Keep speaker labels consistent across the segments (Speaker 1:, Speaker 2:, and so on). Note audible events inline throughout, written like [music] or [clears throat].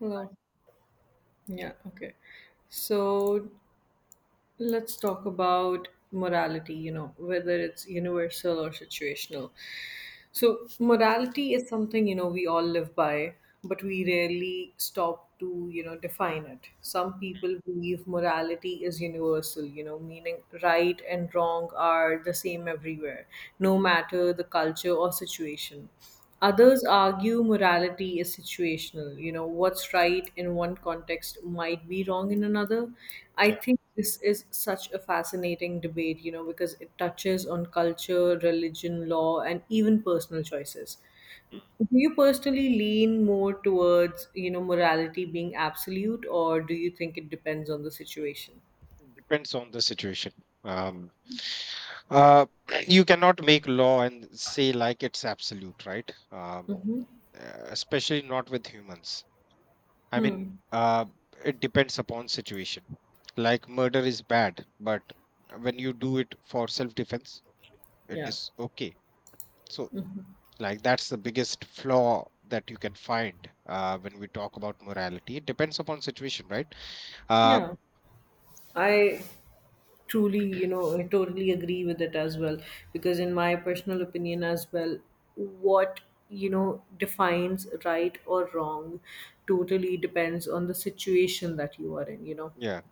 Speaker 1: Hello. Yeah, okay. So, let's talk about morality, whether it's universal or situational. So, morality is something, we all live by, but we rarely stop to, define it. Some people believe morality is universal, meaning right and wrong are the same everywhere, no matter the culture or situation. Others argue morality is situational. You know, what's right in one context might be wrong in another. I
Speaker 2: Yeah.
Speaker 1: think this is such a fascinating debate, because it touches on culture, religion, law, and even personal choices.
Speaker 2: Hmm.
Speaker 1: Do you personally lean more towards, morality being absolute, or do you think it depends on the situation?
Speaker 2: Depends on the situation. Um, uh, [clears throat] you cannot make law and say like it's absolute, right?
Speaker 1: Mm-hmm.
Speaker 2: Especially not with humans. I mean,
Speaker 1: Hmm.
Speaker 2: it depends upon situation. Like murder is bad, but when you do it for self-defense, it
Speaker 1: Yeah.
Speaker 2: is okay. So, like that's the biggest flaw that you can find when we talk about morality. It depends upon situation, right? Uh,
Speaker 1: Yeah. I truly, I totally agree with it as well, because in my personal opinion as well, what defines right or wrong totally depends on the situation that you are in.
Speaker 2: yeah.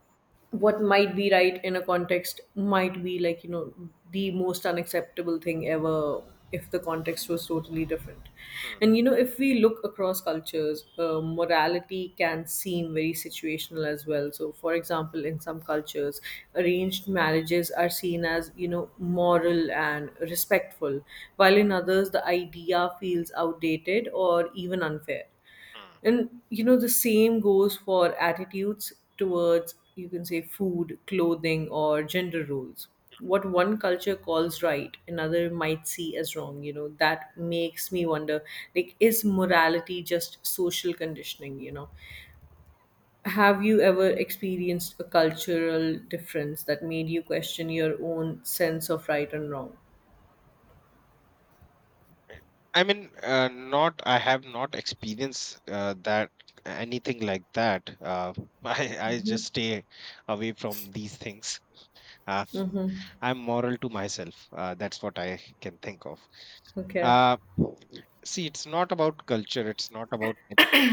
Speaker 1: What might be right in a context might be like, the most unacceptable thing ever if the context was totally different.
Speaker 2: Hmm.
Speaker 1: And if we look across cultures, morality can seem very situational as well. So for example, in some cultures arranged marriages are seen as, moral and respectful, while in others the idea feels outdated or even unfair.
Speaker 2: Hmm.
Speaker 1: And the same goes for attitudes towards, you can say, food, clothing, or gender roles. What one culture calls right, another might see as wrong. You know, that makes me wonder, like, is morality just social conditioning? Have you ever experienced a cultural difference that made you question your own sense of right and wrong?
Speaker 2: I mean, not. I have not experienced that anything like that. [laughs] I just stay away from these things. Uh, I'm moral to myself. That's what I can think of.
Speaker 1: Okay.
Speaker 2: Uh, See, it's not about culture. It's not about anything.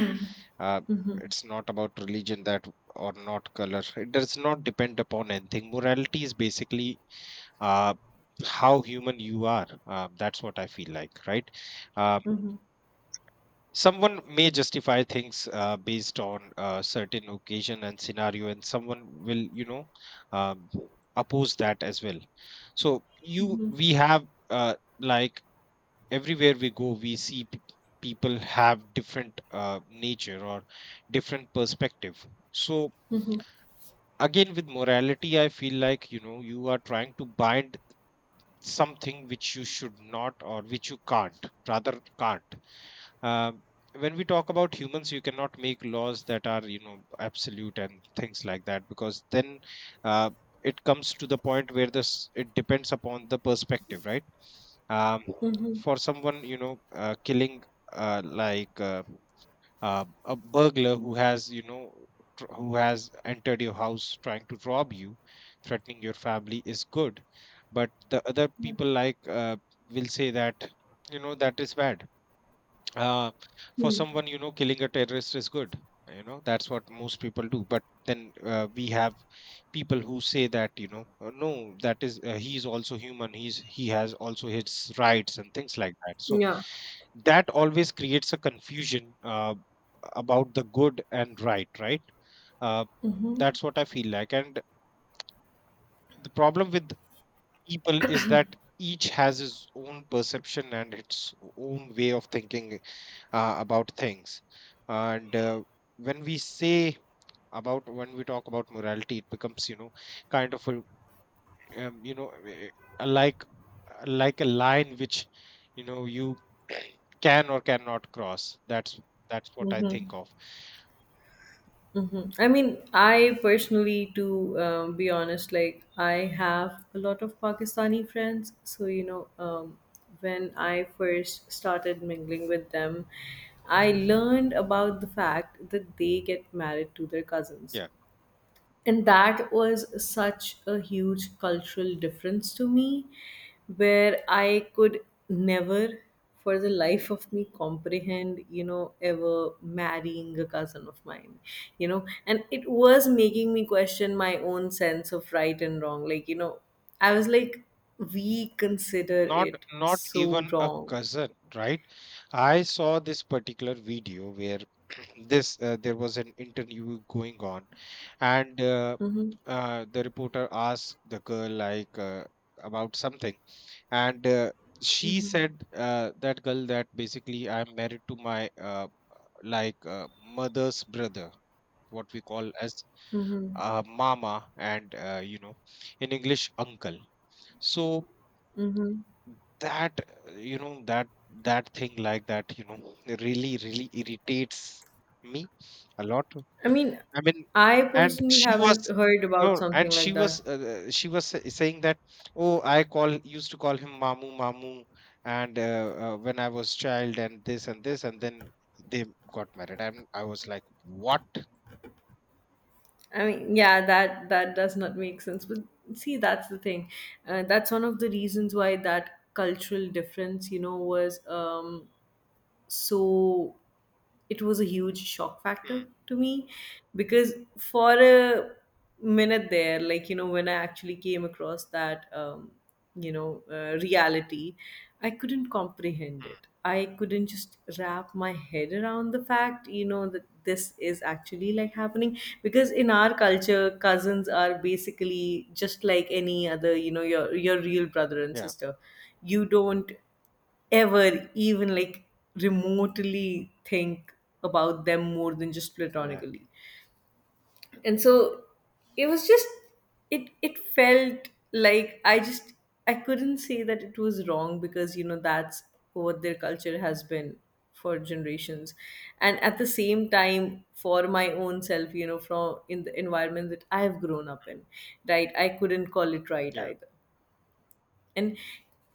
Speaker 2: Uh, it's not about religion that or not color. It does not depend upon anything. Morality is basically uh, how human you are. That's what I feel like, right? Um,
Speaker 1: Mm-hmm.
Speaker 2: Someone may justify things based on a certain occasion and scenario, and someone will uh, oppose that as well. So you we have, like, everywhere we go, we see people have different nature or different perspective. So again, with morality, I feel like you are trying to bind something which you should not, or which you can't, rather can't. uh, when we talk about humans, you cannot make laws that are, absolute, and things like that, because then uh, it comes to the point where this it depends upon the perspective, right? um,
Speaker 1: Mm-hmm.
Speaker 2: for someone, killing, like, a burglar who has entered your house, trying to rob you, threatening your family, is good. But the other people, like, will say that, that is bad. uh, for someone, killing a terrorist is good. That's what most people do, but then we have people who say that, no, that is, he's also human. He has also his rights and things like that. So
Speaker 1: Yeah.
Speaker 2: that always creates a confusion about the good and right, right? uh, that's what I feel like. And the problem with people is that each has his own perception and its own way of thinking about things. And when we say when we talk about morality, it becomes, kind of a, um, you know eh, a like like a line which, you [clears throat] can or cannot cross. That's what I think of.
Speaker 1: Mm-hmm. I mean, I personally, to be honest, like, I have a lot of Pakistani friends. So, when I first started mingling with them, I learned about the fact that they get married to their cousins,
Speaker 2: Yeah.
Speaker 1: and that was such a huge cultural difference to me, where I could never, for the life of me, comprehend, ever marrying a cousin of mine. And it was making me question my own sense of right and wrong. Like, I was like, we consider
Speaker 2: not
Speaker 1: it
Speaker 2: not even
Speaker 1: so
Speaker 2: a
Speaker 1: wrong.
Speaker 2: cousin, right? I saw this particular video where [clears throat] this there was an interview going on. And
Speaker 1: Mm-hmm.
Speaker 2: the reporter asked the girl, like, about something. And she
Speaker 1: Mm-hmm.
Speaker 2: said, that girl, that basically, I'm married to my, like, mother's brother, what we call as,
Speaker 1: Mm-hmm.
Speaker 2: mama, and, in English, uncle. So
Speaker 1: Mm-hmm.
Speaker 2: that uh, you know that that thing, like that, really really irritates me a lot.
Speaker 1: I mean,
Speaker 2: I mean.
Speaker 1: I
Speaker 2: And
Speaker 1: personally
Speaker 2: she
Speaker 1: haven't
Speaker 2: was,
Speaker 1: heard about
Speaker 2: no, and
Speaker 1: something
Speaker 2: she
Speaker 1: like
Speaker 2: was
Speaker 1: that.
Speaker 2: uh, she was sa- saying that, oh, I call used to call him mamu mamu, and when I was child, and this and this, and then they got married, and I was like, what?
Speaker 1: I mean, yeah, that does not make sense. But see, that's the thing. That's one of the reasons why that cultural difference, was, so, it was a huge shock
Speaker 2: Hmm.
Speaker 1: factor to me, because for a minute there, like, when I actually came across that, reality, I couldn't comprehend it.
Speaker 2: Hmm.
Speaker 1: I couldn't just wrap my head around the fact, that this is actually like happening. Because in our culture, cousins are basically just like any other, your real brother and
Speaker 2: Yeah,
Speaker 1: sister. You don't ever even like remotely think about them more than just
Speaker 2: yeah,
Speaker 1: platonically. And so it was just, it felt like I just, I couldn't say that it was wrong, because that's what their culture has been for generations. And at the same time, for my own self, from in the environment that I've grown up in, right, I couldn't call it right
Speaker 2: yeah.
Speaker 1: either. And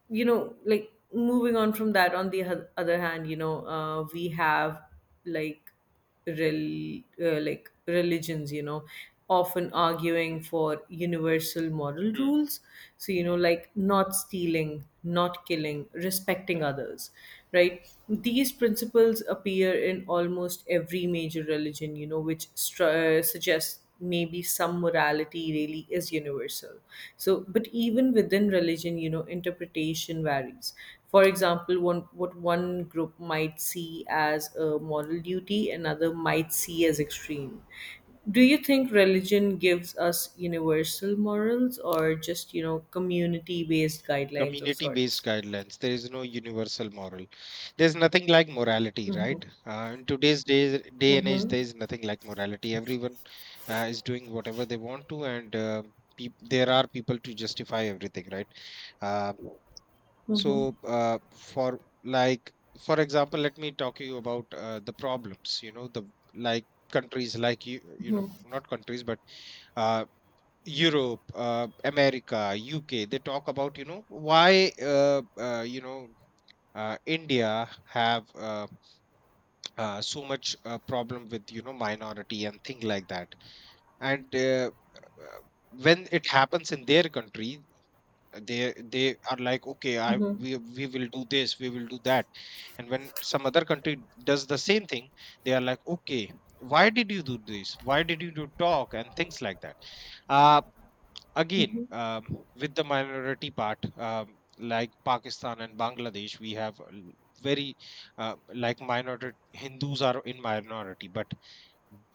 Speaker 1: like, moving on from that, on the other hand, we have like, like religions, often arguing for universal moral
Speaker 2: Hmm.
Speaker 1: rules. So, like not stealing, not killing, respecting others, right? These principles appear in almost every major religion, which suggests maybe some morality really is universal. So but even within religion, interpretation varies. For example, one what one group might see as a moral duty, another might see as extreme. Do you think religion gives us universal morals, or just, community based guidelines of
Speaker 2: Community based
Speaker 1: sorts?
Speaker 2: guidelines. There is no universal moral. There's nothing like morality,
Speaker 1: Mm-hmm.
Speaker 2: right? In today's day and age, there
Speaker 1: Mm-hmm.
Speaker 2: is nothing like morality. Everyone is doing whatever they want to. And there are people to justify everything, right? uh,
Speaker 1: Mm-hmm.
Speaker 2: so, uh, for like for example, let me talk you about the problems, the, like, countries, like, you know not countries, but uh, Europe, America, UK, they talk about, why, India have, so much problem with, minority and thing like that. And uh, when it happens in their country, they are like, okay, I
Speaker 1: Mm-hmm.
Speaker 2: we will do this, we will do that. And when some other country does the same thing, they are like, okay, why did you do this? Why did you do talk, and things like that? Uh, again,
Speaker 1: Mm-hmm.
Speaker 2: with the minority part, like Pakistan and Bangladesh, we have very, uh, like, minority Hindus are in minority, but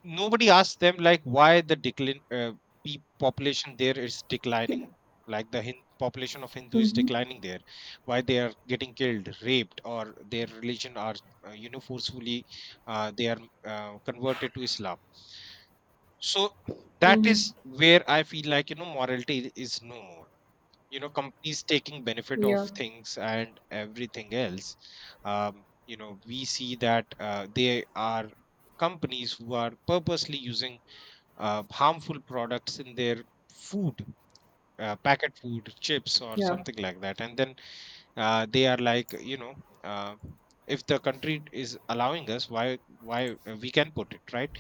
Speaker 2: nobody asks them, like, why the decline, population there is declining, like the population of Hindu is declining there. Why they are getting killed, raped, or their religion are, forcefully, they are, converted to Islam. So that
Speaker 1: Mm-hmm.
Speaker 2: is where I feel like, morality is no more. Companies taking benefit of
Speaker 1: Yeah,
Speaker 2: things and everything else. We see that, they are companies who are purposely using harmful products in their food, packet food, chips, or
Speaker 1: yeah,
Speaker 2: something like that. And then they are like, uh, if the country is allowing us, why we can put it, right?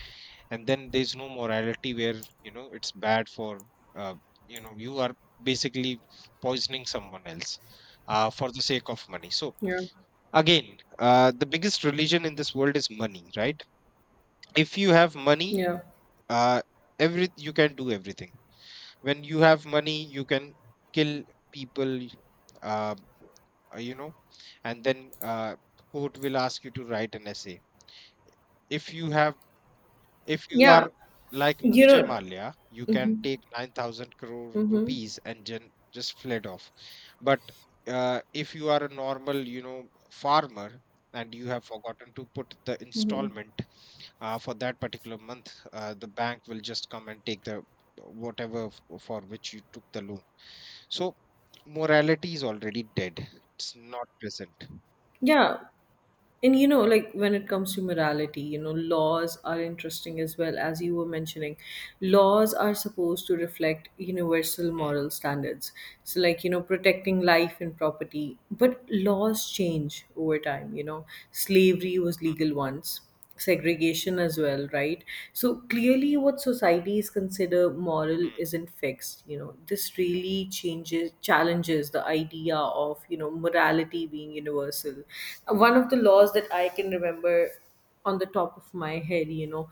Speaker 2: And then there's no morality, where, it's bad for, uh, you are basically poisoning someone else for the sake of money. So,
Speaker 1: yeah,
Speaker 2: again, the biggest religion in this world is money, right? If you have money,
Speaker 1: yeah,
Speaker 2: uh, every you can do everything. When you have money, you can kill people, uh, uh, you know and then court will ask you to write an essay, if you have if you
Speaker 1: yeah,
Speaker 2: are like
Speaker 1: you
Speaker 2: Vijay
Speaker 1: know
Speaker 2: Malia, you can take 9,000 crore
Speaker 1: Mm-hmm.
Speaker 2: rupees and just fled off. But if you are a normal, farmer, and you have forgotten to put the installment for that particular month, the bank will just come and take the whatever for which you took the loan. So morality is already dead. It's not present.
Speaker 1: Yeah. And like when it comes to morality, laws are interesting as well, as you were mentioning. Laws are supposed to reflect universal
Speaker 2: Hmm.
Speaker 1: moral standards. So, like, protecting life and property. But laws change over time, Slavery was
Speaker 2: Hmm.
Speaker 1: legal once, segregation as well, right? So clearly what societies consider moral
Speaker 2: Hmm.
Speaker 1: isn't fixed, this really changes, challenges the idea of, morality being universal. One of the laws that I can remember on the top of my head,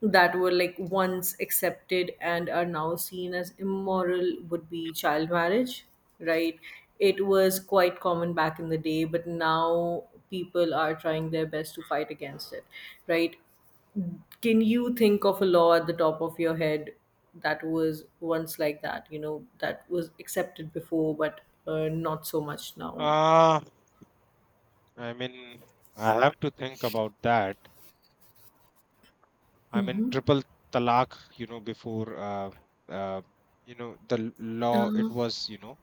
Speaker 1: that were like once accepted and are now seen as immoral, would be child marriage, right? It was quite common back in the day, but now people are trying their best to
Speaker 2: Hmm.
Speaker 1: fight against it, right? Can you think of a law at the top of your head that was once like that, that was accepted before, but not so much now
Speaker 2: Uh, I mean, I have to think about that. I'm in triple talaq, before, uh, the law,
Speaker 1: on?
Speaker 2: it was, you know,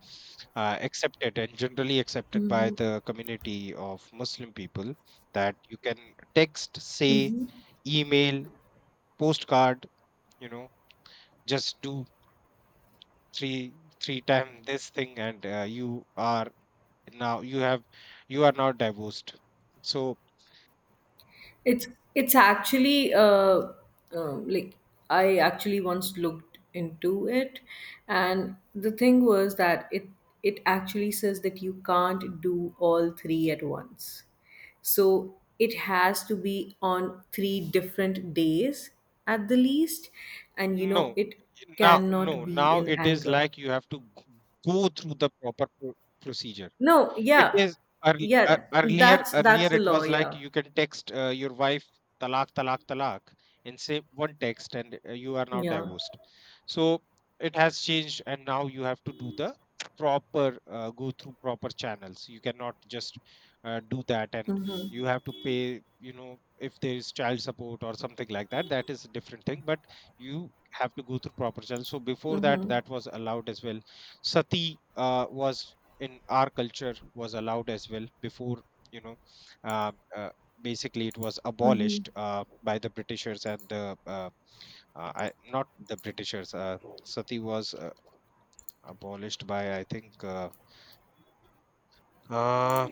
Speaker 2: uh, accepted, and generally accepted by
Speaker 1: Mhm.
Speaker 2: the community of Muslim people, that you can text, say, email, postcard, you know, just do three, three time this thing, and now, you have, you are now divorced. So,
Speaker 1: It's actually, like, I actually once looked into it, and the thing was that it actually says that you can't do all three at once. So it has to be on three different days at the least, and
Speaker 2: no,
Speaker 1: it
Speaker 2: now, no,
Speaker 1: cannot be
Speaker 2: now
Speaker 1: in
Speaker 2: it is
Speaker 1: anger.
Speaker 2: like you have to go through the proper procedure.
Speaker 1: No,
Speaker 2: It
Speaker 1: yeah,
Speaker 2: is
Speaker 1: yeah,
Speaker 2: earlier.
Speaker 1: that's
Speaker 2: Earlier,
Speaker 1: the
Speaker 2: it
Speaker 1: law.
Speaker 2: was like
Speaker 1: Yeah,
Speaker 2: you can text your wife talak, talak, talak, and say one text, and you are now
Speaker 1: yeah.
Speaker 2: divorced. So it has changed, and now you have to do the proper go through proper channels. You cannot just do that. And you
Speaker 1: Mm-hmm.
Speaker 2: have to pay. You know, if there is child support or something like that, that is a different thing. But you have to go through proper channels. So before that,
Speaker 1: Mm-hmm.
Speaker 2: that was allowed as well. Sati was in our culture, was allowed as well before, you know uh, uh, basically it was
Speaker 1: Mm-hmm.
Speaker 2: abolished by the britishers. And the I, not the britishers, sati was abolished by, I think, uh,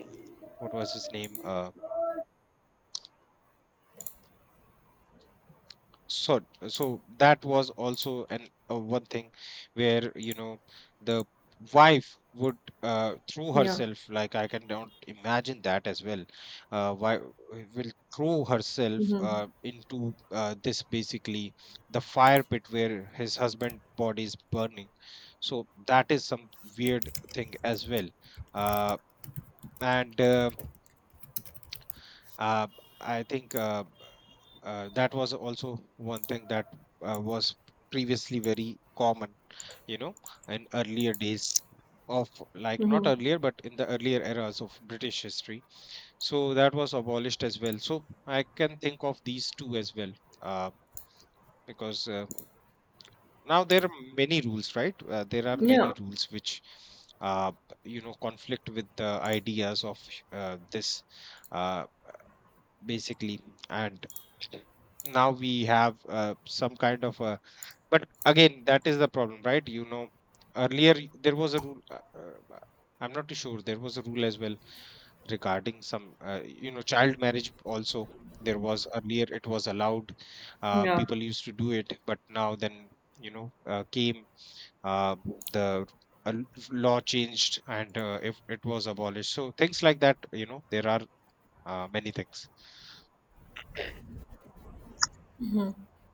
Speaker 2: what was his name, so. So that was also an one thing where, the wife would throw
Speaker 1: Yeah.
Speaker 2: herself, like, I can don't imagine that as well. Why will throw herself
Speaker 1: Mm-hmm.
Speaker 2: into this, basically the fire pit where his husband body is burning. So that is some weird thing as well. uh, and uh, I think that was also one thing that was previously very common, you know in earlier days, of, like, not
Speaker 1: Mm-hmm.
Speaker 2: earlier, but in the earlier eras of british history. So that was abolished as well. So I can think of these two as well. uh, because, now there are many rules, right? There are many
Speaker 1: Yeah.
Speaker 2: rules Which uh, conflict with the ideas of, this, uh, basically. And now we have some kind of a. But again, that is the problem, right? You know, earlier, there was a rule. I'm not too sure. There was a rule as well regarding some, child marriage. Also, there was earlier it was allowed.
Speaker 1: Yeah.
Speaker 2: People used to do it, but now then, came uh, the uh, l- law changed, and if it was abolished. So things like that, there are many things.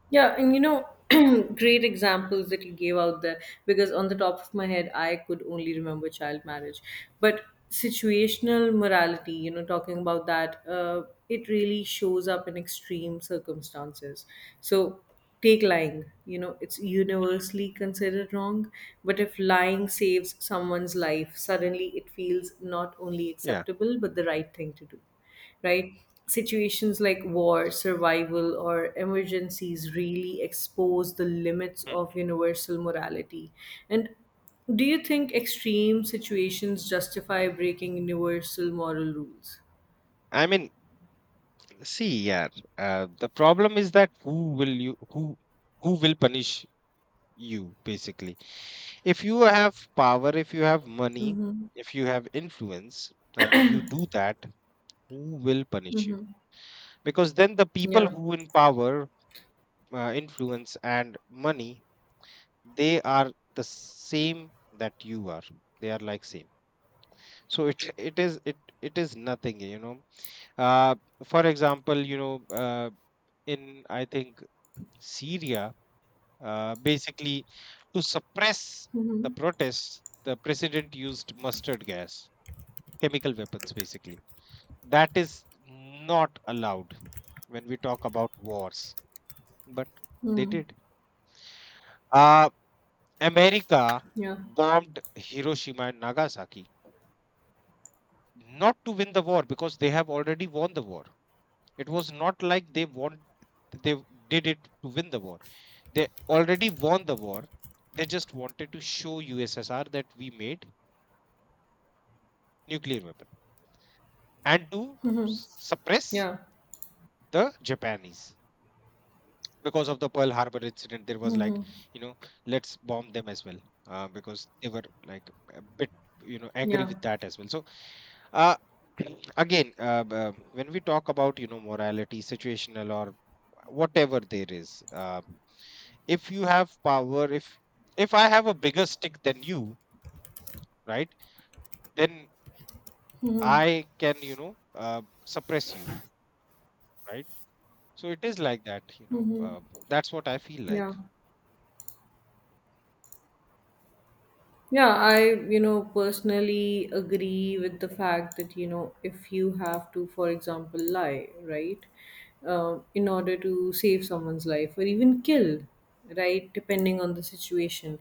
Speaker 1: Yeah. And [clears throat] great examples that you gave out there, because on the top of my head, I could only remember child marriage. But situational morality, talking about that, it really shows up in extreme circumstances. So, take lying, it's universally considered wrong. But if lying saves someone's life, suddenly it feels not only
Speaker 2: Yeah.
Speaker 1: acceptable, but the right thing to do. Right? Situations like war, survival, or emergencies really expose the limits
Speaker 2: Hmm.
Speaker 1: of universal morality. And do you think extreme situations justify breaking universal moral rules?
Speaker 2: I mean, see, yeah, the problem is that who will punish you, basically? If you have power, if you have money,
Speaker 1: Mm-hmm.
Speaker 2: if you have influence, and you do that, who will punish you?
Speaker 1: Mm-hmm.
Speaker 2: Because then the people
Speaker 1: Yeah.
Speaker 2: who in power, influence, and money, they are the same that you are. They are like same. So it is nothing, you know. Uh, for example, in I think Syria. Basically, to suppress the
Speaker 1: Mm-hmm.
Speaker 2: protests, the president used mustard gas, chemical weapons, basically. That is not allowed when we talk about wars, but they
Speaker 1: Mm-hmm.
Speaker 2: did. Uh, America
Speaker 1: Yeah.
Speaker 2: bombed Hiroshima and Nagasaki not to win the war because they have already won the war. It was not like they won, they did it to win the war. They already won the war. They just wanted to show USSR that we made nuclear weapon and to suppress
Speaker 1: Yeah.
Speaker 2: the Japanese. Because of the Pearl Harbor incident, there was like, you know, let's bomb them as well, because they were like a bit, angry
Speaker 1: Yeah.
Speaker 2: with that as well. So, uh, [clears throat] again, when we talk about, you know, morality, situational or whatever there is, if you have power, if I have a bigger stick than you, right, then I can, suppress you, right? So it is like that, you know. That's what I feel like.
Speaker 1: Yeah. Yeah, personally agree with the fact that, if you have to, for example, lie, right, in order to save someone's life or even kill, right, depending on the situation,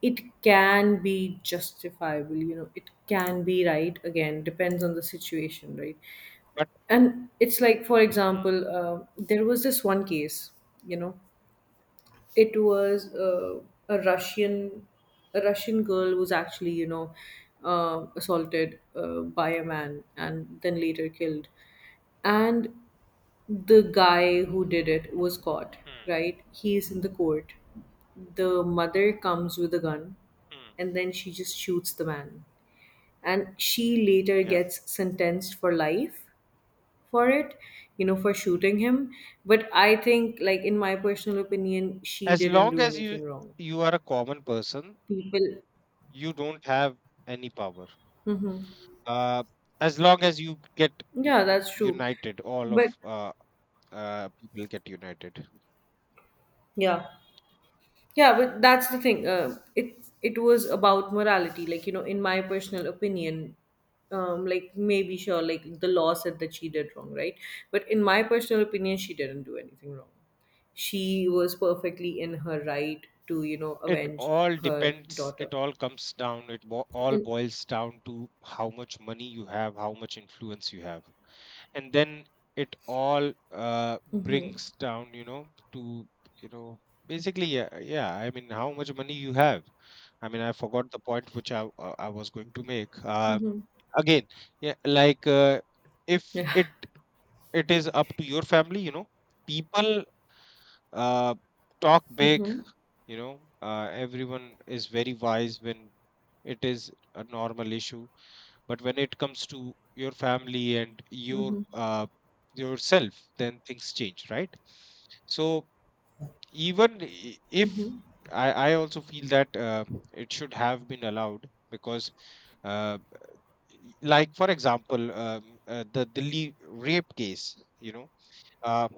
Speaker 1: it can be justifiable, it can be right, again, depends on the situation, right?
Speaker 2: But
Speaker 1: And it's like, for
Speaker 2: hmm,
Speaker 1: example, there was this one case, you know, it was a Russian, a Russian girl who was actually, assaulted, by a man and then later killed, and the
Speaker 2: hmm,
Speaker 1: guy who did it was caught.
Speaker 2: hmm,
Speaker 1: Right, he's in the court. The mother comes with a gun,
Speaker 2: hmm,
Speaker 1: and then she just shoots the man, and she later
Speaker 2: yeah,
Speaker 1: gets sentenced for life for it, for shooting him. But I think, like, in my personal opinion, she
Speaker 2: as
Speaker 1: didn't
Speaker 2: long
Speaker 1: do
Speaker 2: as you
Speaker 1: anything wrong.
Speaker 2: you are a common person,
Speaker 1: People,
Speaker 2: you don't have any power.
Speaker 1: hmm,
Speaker 2: Uh, as long as you get, you
Speaker 1: yeah,
Speaker 2: know,
Speaker 1: that's true.
Speaker 2: united, all
Speaker 1: But
Speaker 2: of people get united.
Speaker 1: yeah, yeah, but that's the thing. It was about morality, like, in my personal opinion. Like maybe sure, like the law said that she did wrong, right? But in my personal opinion, she didn't do anything wrong. She was perfectly in her right to,
Speaker 2: It
Speaker 1: avenge
Speaker 2: all
Speaker 1: her
Speaker 2: depends.
Speaker 1: daughter.
Speaker 2: It all comes down. It all
Speaker 1: And
Speaker 2: boils down to how much money you have, how much influence you have. And then it all brings down, you know, to, you know, basically, yeah, yeah, I mean, how much money you have. I mean, I forgot the point which I was going to make,
Speaker 1: Mhm.
Speaker 2: again. Yeah, like, if
Speaker 1: Yeah.
Speaker 2: it it is up to your family, you know, people, uh, talk big,
Speaker 1: Mhm.
Speaker 2: you know. Everyone is very wise when it is a normal issue, but when it comes to your family and your,
Speaker 1: Mhm.
Speaker 2: yourself, then things change, right? So even i- if
Speaker 1: Mhm.
Speaker 2: I also feel that, it should have been allowed, because, uh, like for example, the delhi rape case, you know, uh,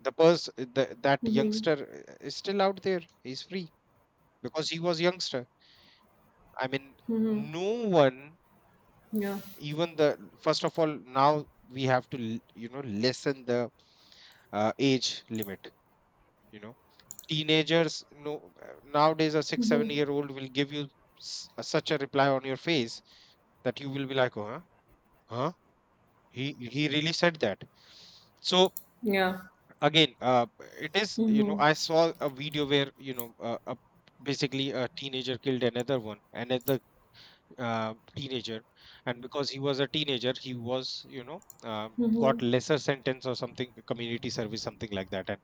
Speaker 2: the person, that
Speaker 1: Mhm.
Speaker 2: youngster is still out there. He's free because he was youngster. I mean,
Speaker 1: Mhm.
Speaker 2: no one.
Speaker 1: Yeah.
Speaker 2: Even the first of all, now we have to you know, lessen the, age limit, you know. Teenagers, no, nowadays a 6 7 year old will give you such a reply on your face that you will be like, oh, huh, huh, he really said that. So
Speaker 1: Yeah.
Speaker 2: again, it is, you know,
Speaker 1: Mhm.
Speaker 2: I saw a video where you know, basically a teenager killed another one, another, teenager, and because he was a teenager he was, got
Speaker 1: Mhm.
Speaker 2: lesser sentence or something, community service, something like that, and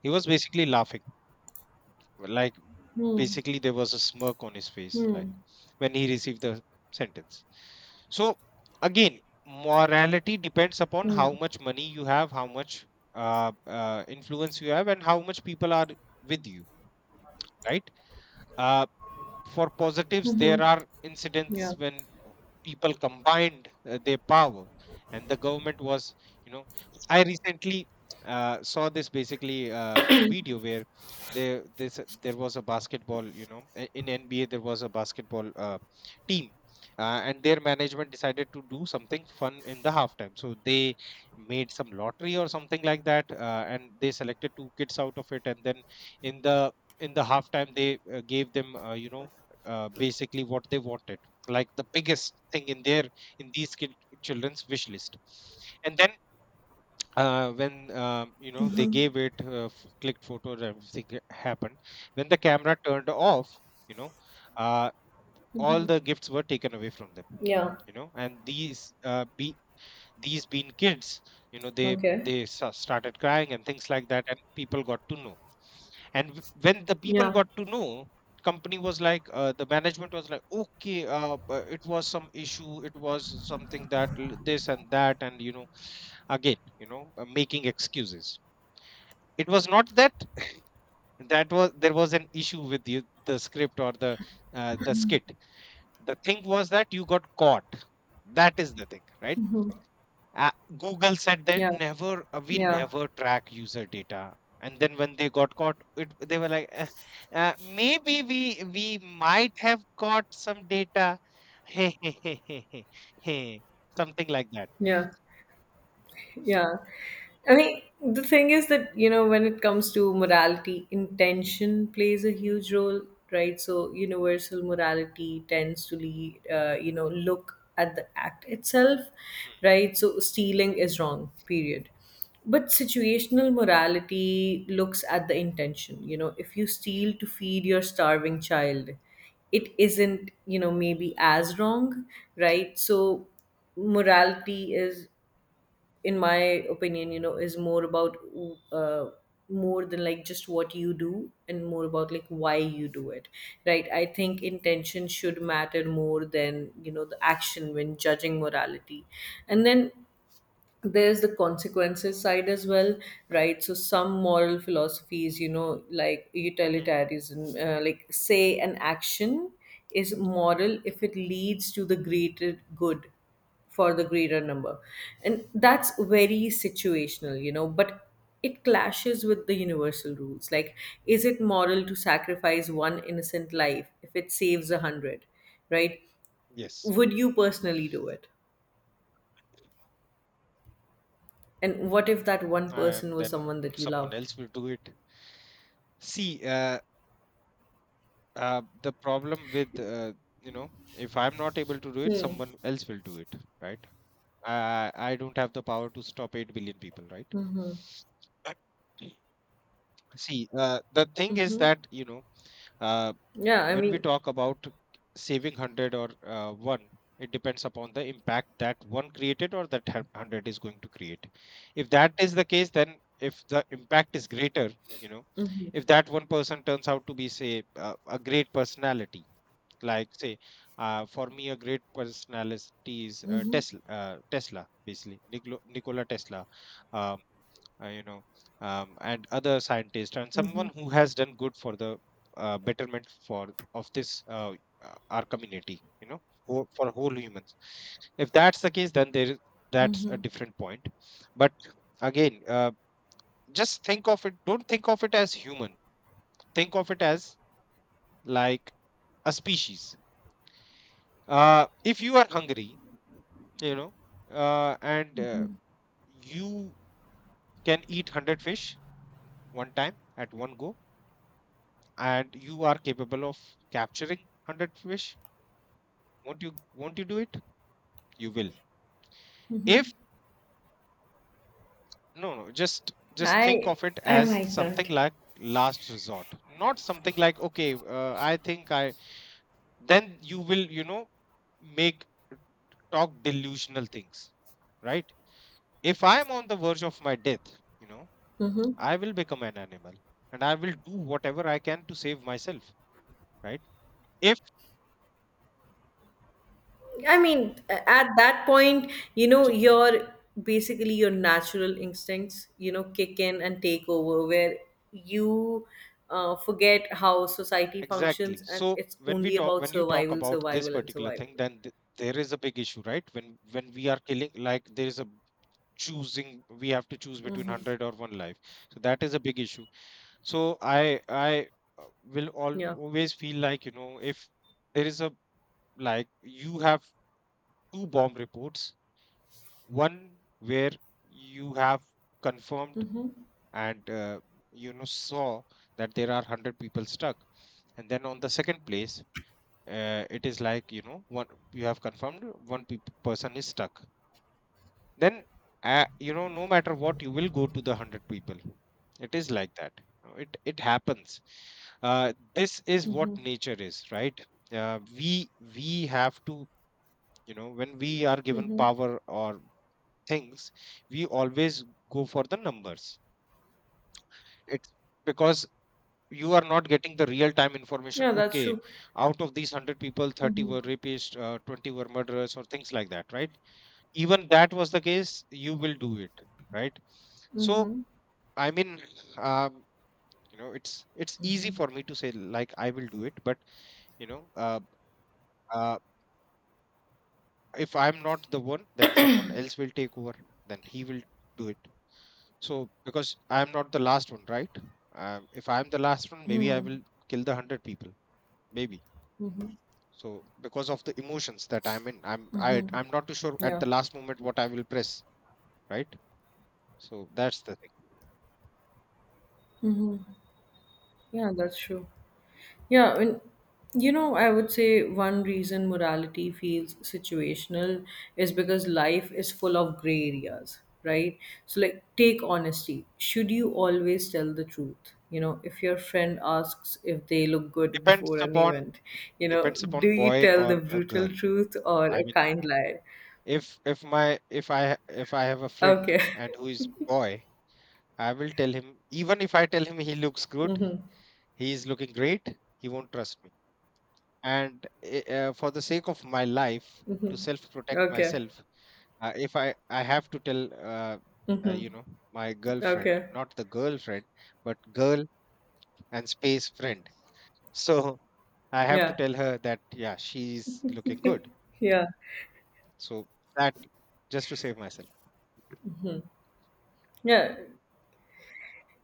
Speaker 2: he was basically laughing, like,
Speaker 1: Hmm.
Speaker 2: basically there was a smirk on his face like
Speaker 1: Hmm.
Speaker 2: when he received the sentence. So again, morality depends upon how
Speaker 1: Hmm.
Speaker 2: much money you have, how much influence you have, and how much people are with you, right? uh, for positives, there are incidents
Speaker 1: Yeah.
Speaker 2: when people combined their power and the government was, you know. I recently, saw this, basically a video where there, this there was a basketball, you know, in nba there was a basketball, team, and their management decided to do something fun in the halftime, so they made some lottery or something like that, and they selected two kids out of it, and then in the, in the halftime they, gave them, basically what they wanted, like the biggest thing in their, in these children's wish list. And then, when, you know, they gave it, clicked photos, everything happened. When the camera turned off, you know, uh, all the gifts were taken away from them,
Speaker 1: Yeah.
Speaker 2: you know. And these be these, being kids, you know, they
Speaker 1: Okay.
Speaker 2: they started crying and things like that, and people got to know. And when the people
Speaker 1: Yeah.
Speaker 2: got to know, company was like, the management was like, okay, it was some issue, it was something that, this and that, and you know, again, you know, making excuses. It was not that, that was there was an issue with you, the script, or the, the skit. The thing was that you got caught. That is the thing, right? uh, Google said that
Speaker 1: Yeah.
Speaker 2: never, we
Speaker 1: Yeah.
Speaker 2: never track user data. And then when they got caught, they were like, maybe we might have caught some data," [laughs] hey, hey, hey, hey, hey, hey, something like that.
Speaker 1: Yeah. Yeah. I mean, the thing is that, when it comes to morality, intention plays a huge role, right? So, universal morality tends to lead, look at the act
Speaker 2: Mm,
Speaker 1: itself,
Speaker 2: mm,
Speaker 1: right? So, stealing is wrong, period. But situational morality looks at the intention. You know, if you steal to feed your starving child, it isn't, maybe as wrong, right? So, morality is, in my opinion, is more about, uh, more than like just what you do, and more about like why you do it, right? I think intention should matter more than, the action when judging morality. And then there's the consequences side as well, right? So some moral philosophies, like
Speaker 2: mm, mm.
Speaker 1: utilitarianism, like say an action is moral if it leads to the greater good for the greater number, and that's very situational, but it clashes with the universal rules. Like, is it moral to sacrifice one innocent life if it saves a hundred, right?
Speaker 2: Yes,
Speaker 1: Would you personally do it? And what if that one person
Speaker 2: and then
Speaker 1: was someone that you
Speaker 2: someone
Speaker 1: loved?
Speaker 2: else will do it. See, the problem with, you know, if I'm not able to do it,
Speaker 1: Hmm.
Speaker 2: someone else will do it, right? I don't have the power to stop 8 billion people, right? [clears throat] See, the thing is
Speaker 1: Mm-hmm.
Speaker 2: that, you know, uh,
Speaker 1: Yeah, I
Speaker 2: when we
Speaker 1: mean,
Speaker 2: talk about saving 100 or 1, it depends upon the impact that 1 created or that 100 is going to create. If that is the case, then if the impact is greater, you know,
Speaker 1: hmm,
Speaker 2: if that one person turns out to be, say, a great personality, like say, for me, a great personality is, Tesla. Tesla, basically, Niklo Nikola Tesla. Um, you know, and other scientists and
Speaker 1: hmm,
Speaker 2: someone who has done good for the, betterment for of this, our community. You know, for whole humans. If that's the case, then there is, that's a different point. But again, just think of it. Don't think of it as human. Think of it as like a species. If you are hungry, you know, and you can eat 100 fish one time at one go, and you are capable of capturing 100 fish. Won't you do it? You will. If, no, no, just, just think
Speaker 1: I
Speaker 2: of it
Speaker 1: I
Speaker 2: as
Speaker 1: might
Speaker 2: something
Speaker 1: not.
Speaker 2: like last resort, not something like, okay, I think I then you will, you know, make, talk delusional things, right? If I am on the verge of my death, you know,
Speaker 1: Hmm.
Speaker 2: I will become an animal, and I will do whatever I can to save myself, right? If
Speaker 1: I mean, at that point,
Speaker 2: so,
Speaker 1: your basically your natural instincts, kick in and take over, where you, forget how society
Speaker 2: exactly.
Speaker 1: functions, and
Speaker 2: So
Speaker 1: it's
Speaker 2: when we
Speaker 1: only
Speaker 2: talk,
Speaker 1: about
Speaker 2: when you talk
Speaker 1: survival,
Speaker 2: about this
Speaker 1: survival, and
Speaker 2: particular
Speaker 1: survival.
Speaker 2: thing, then there is a big issue, right? When we are killing, like there is a choosing, we have to choose between
Speaker 1: Hmm.
Speaker 2: hundred or one life. So that is a big issue. So I will
Speaker 1: Yeah,
Speaker 2: always feel like, you know, if there is a, like you have two bomb reports, one where you have confirmed and, you know, saw that there are 100 people stuck, and then on the second place, it is like, you know, one, you have confirmed one peop person is stuck, then, you know, no matter what, you will go to the 100 people. It is like that. It happens, uh, this is what nature is, right? uh, we we have to, you know, when we are given power or things, we always go for the numbers. It's because you are not getting the real time information.
Speaker 1: yeah, that's
Speaker 2: Okay,
Speaker 1: true.
Speaker 2: out of these 100 people, 30
Speaker 1: Hmm.
Speaker 2: were rapists, 20 were murderers or things like that, right? Even that was the case, you will do it, right? So
Speaker 1: Hmm.
Speaker 2: I mean, um, you know, it's easy for me to say like I will do it, but you know, uh, if I'm not the one, then someone else will take over, then he will do it, so because I'm not the last one, right? If I'm the last one, maybe I will kill the 100 people, maybe. So because of the emotions that I'm in, I'm not too sure at
Speaker 1: Yeah,
Speaker 2: the last moment what I will press, right? So that's the thing.
Speaker 1: yeah, that's true. Yeah, and I would say one reason morality feels situational is because life is full of gray areas, right? So, like, take honesty. Should you always tell the truth? You know, if your friend asks if they look good [laughs]
Speaker 2: Depends
Speaker 1: before an
Speaker 2: upon,
Speaker 1: event,
Speaker 2: depends
Speaker 1: do
Speaker 2: upon
Speaker 1: you
Speaker 2: boy
Speaker 1: tell the
Speaker 2: or a
Speaker 1: brutal
Speaker 2: girl.
Speaker 1: truth or
Speaker 2: I
Speaker 1: a
Speaker 2: mean,
Speaker 1: kind lie?
Speaker 2: if my if I ha- if I have a friend
Speaker 1: Okay,
Speaker 2: and who is boy, I will tell him, even if I tell him he looks good, he is looking great, he won't trust me. And for the sake of my life, to self
Speaker 1: [laughs]
Speaker 2: protect
Speaker 1: okay,
Speaker 2: myself, if I have to tell, uh, you know, my girlfriend
Speaker 1: okay.
Speaker 2: not the girlfriend, but girl and space friend, [laughs] so I have to
Speaker 1: Yeah,
Speaker 2: tell her that yeah she's looking good,
Speaker 1: yeah.
Speaker 2: so that, just to save myself.
Speaker 1: Yeah.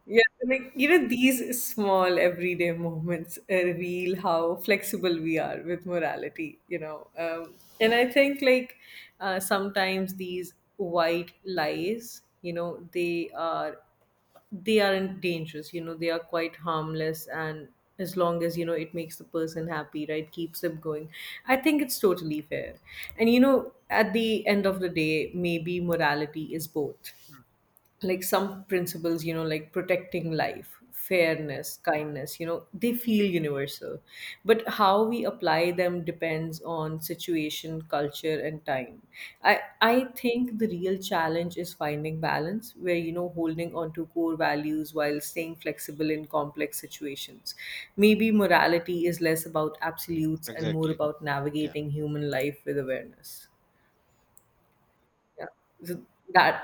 Speaker 1: Yeah, like, these small everyday moments reveal how flexible we are with morality, and I think like, sometimes these white lies, they aren't dangerous, they are quite harmless, and as long as, it makes the person happy, right, keeps them going. I think it's totally fair. And at the end of the day, maybe morality is both, like some principles, like protecting life, fairness, kindness, they feel universal. But how we apply
Speaker 2: Mhm,
Speaker 1: them depends on situation, culture, and time. I think the real challenge is finding balance, where, holding on to core values while staying flexible in complex situations. Maybe morality is less about absolutes and more
Speaker 2: exactly,
Speaker 1: about
Speaker 2: yeah.
Speaker 1: navigating human life with awareness. Yeah. So that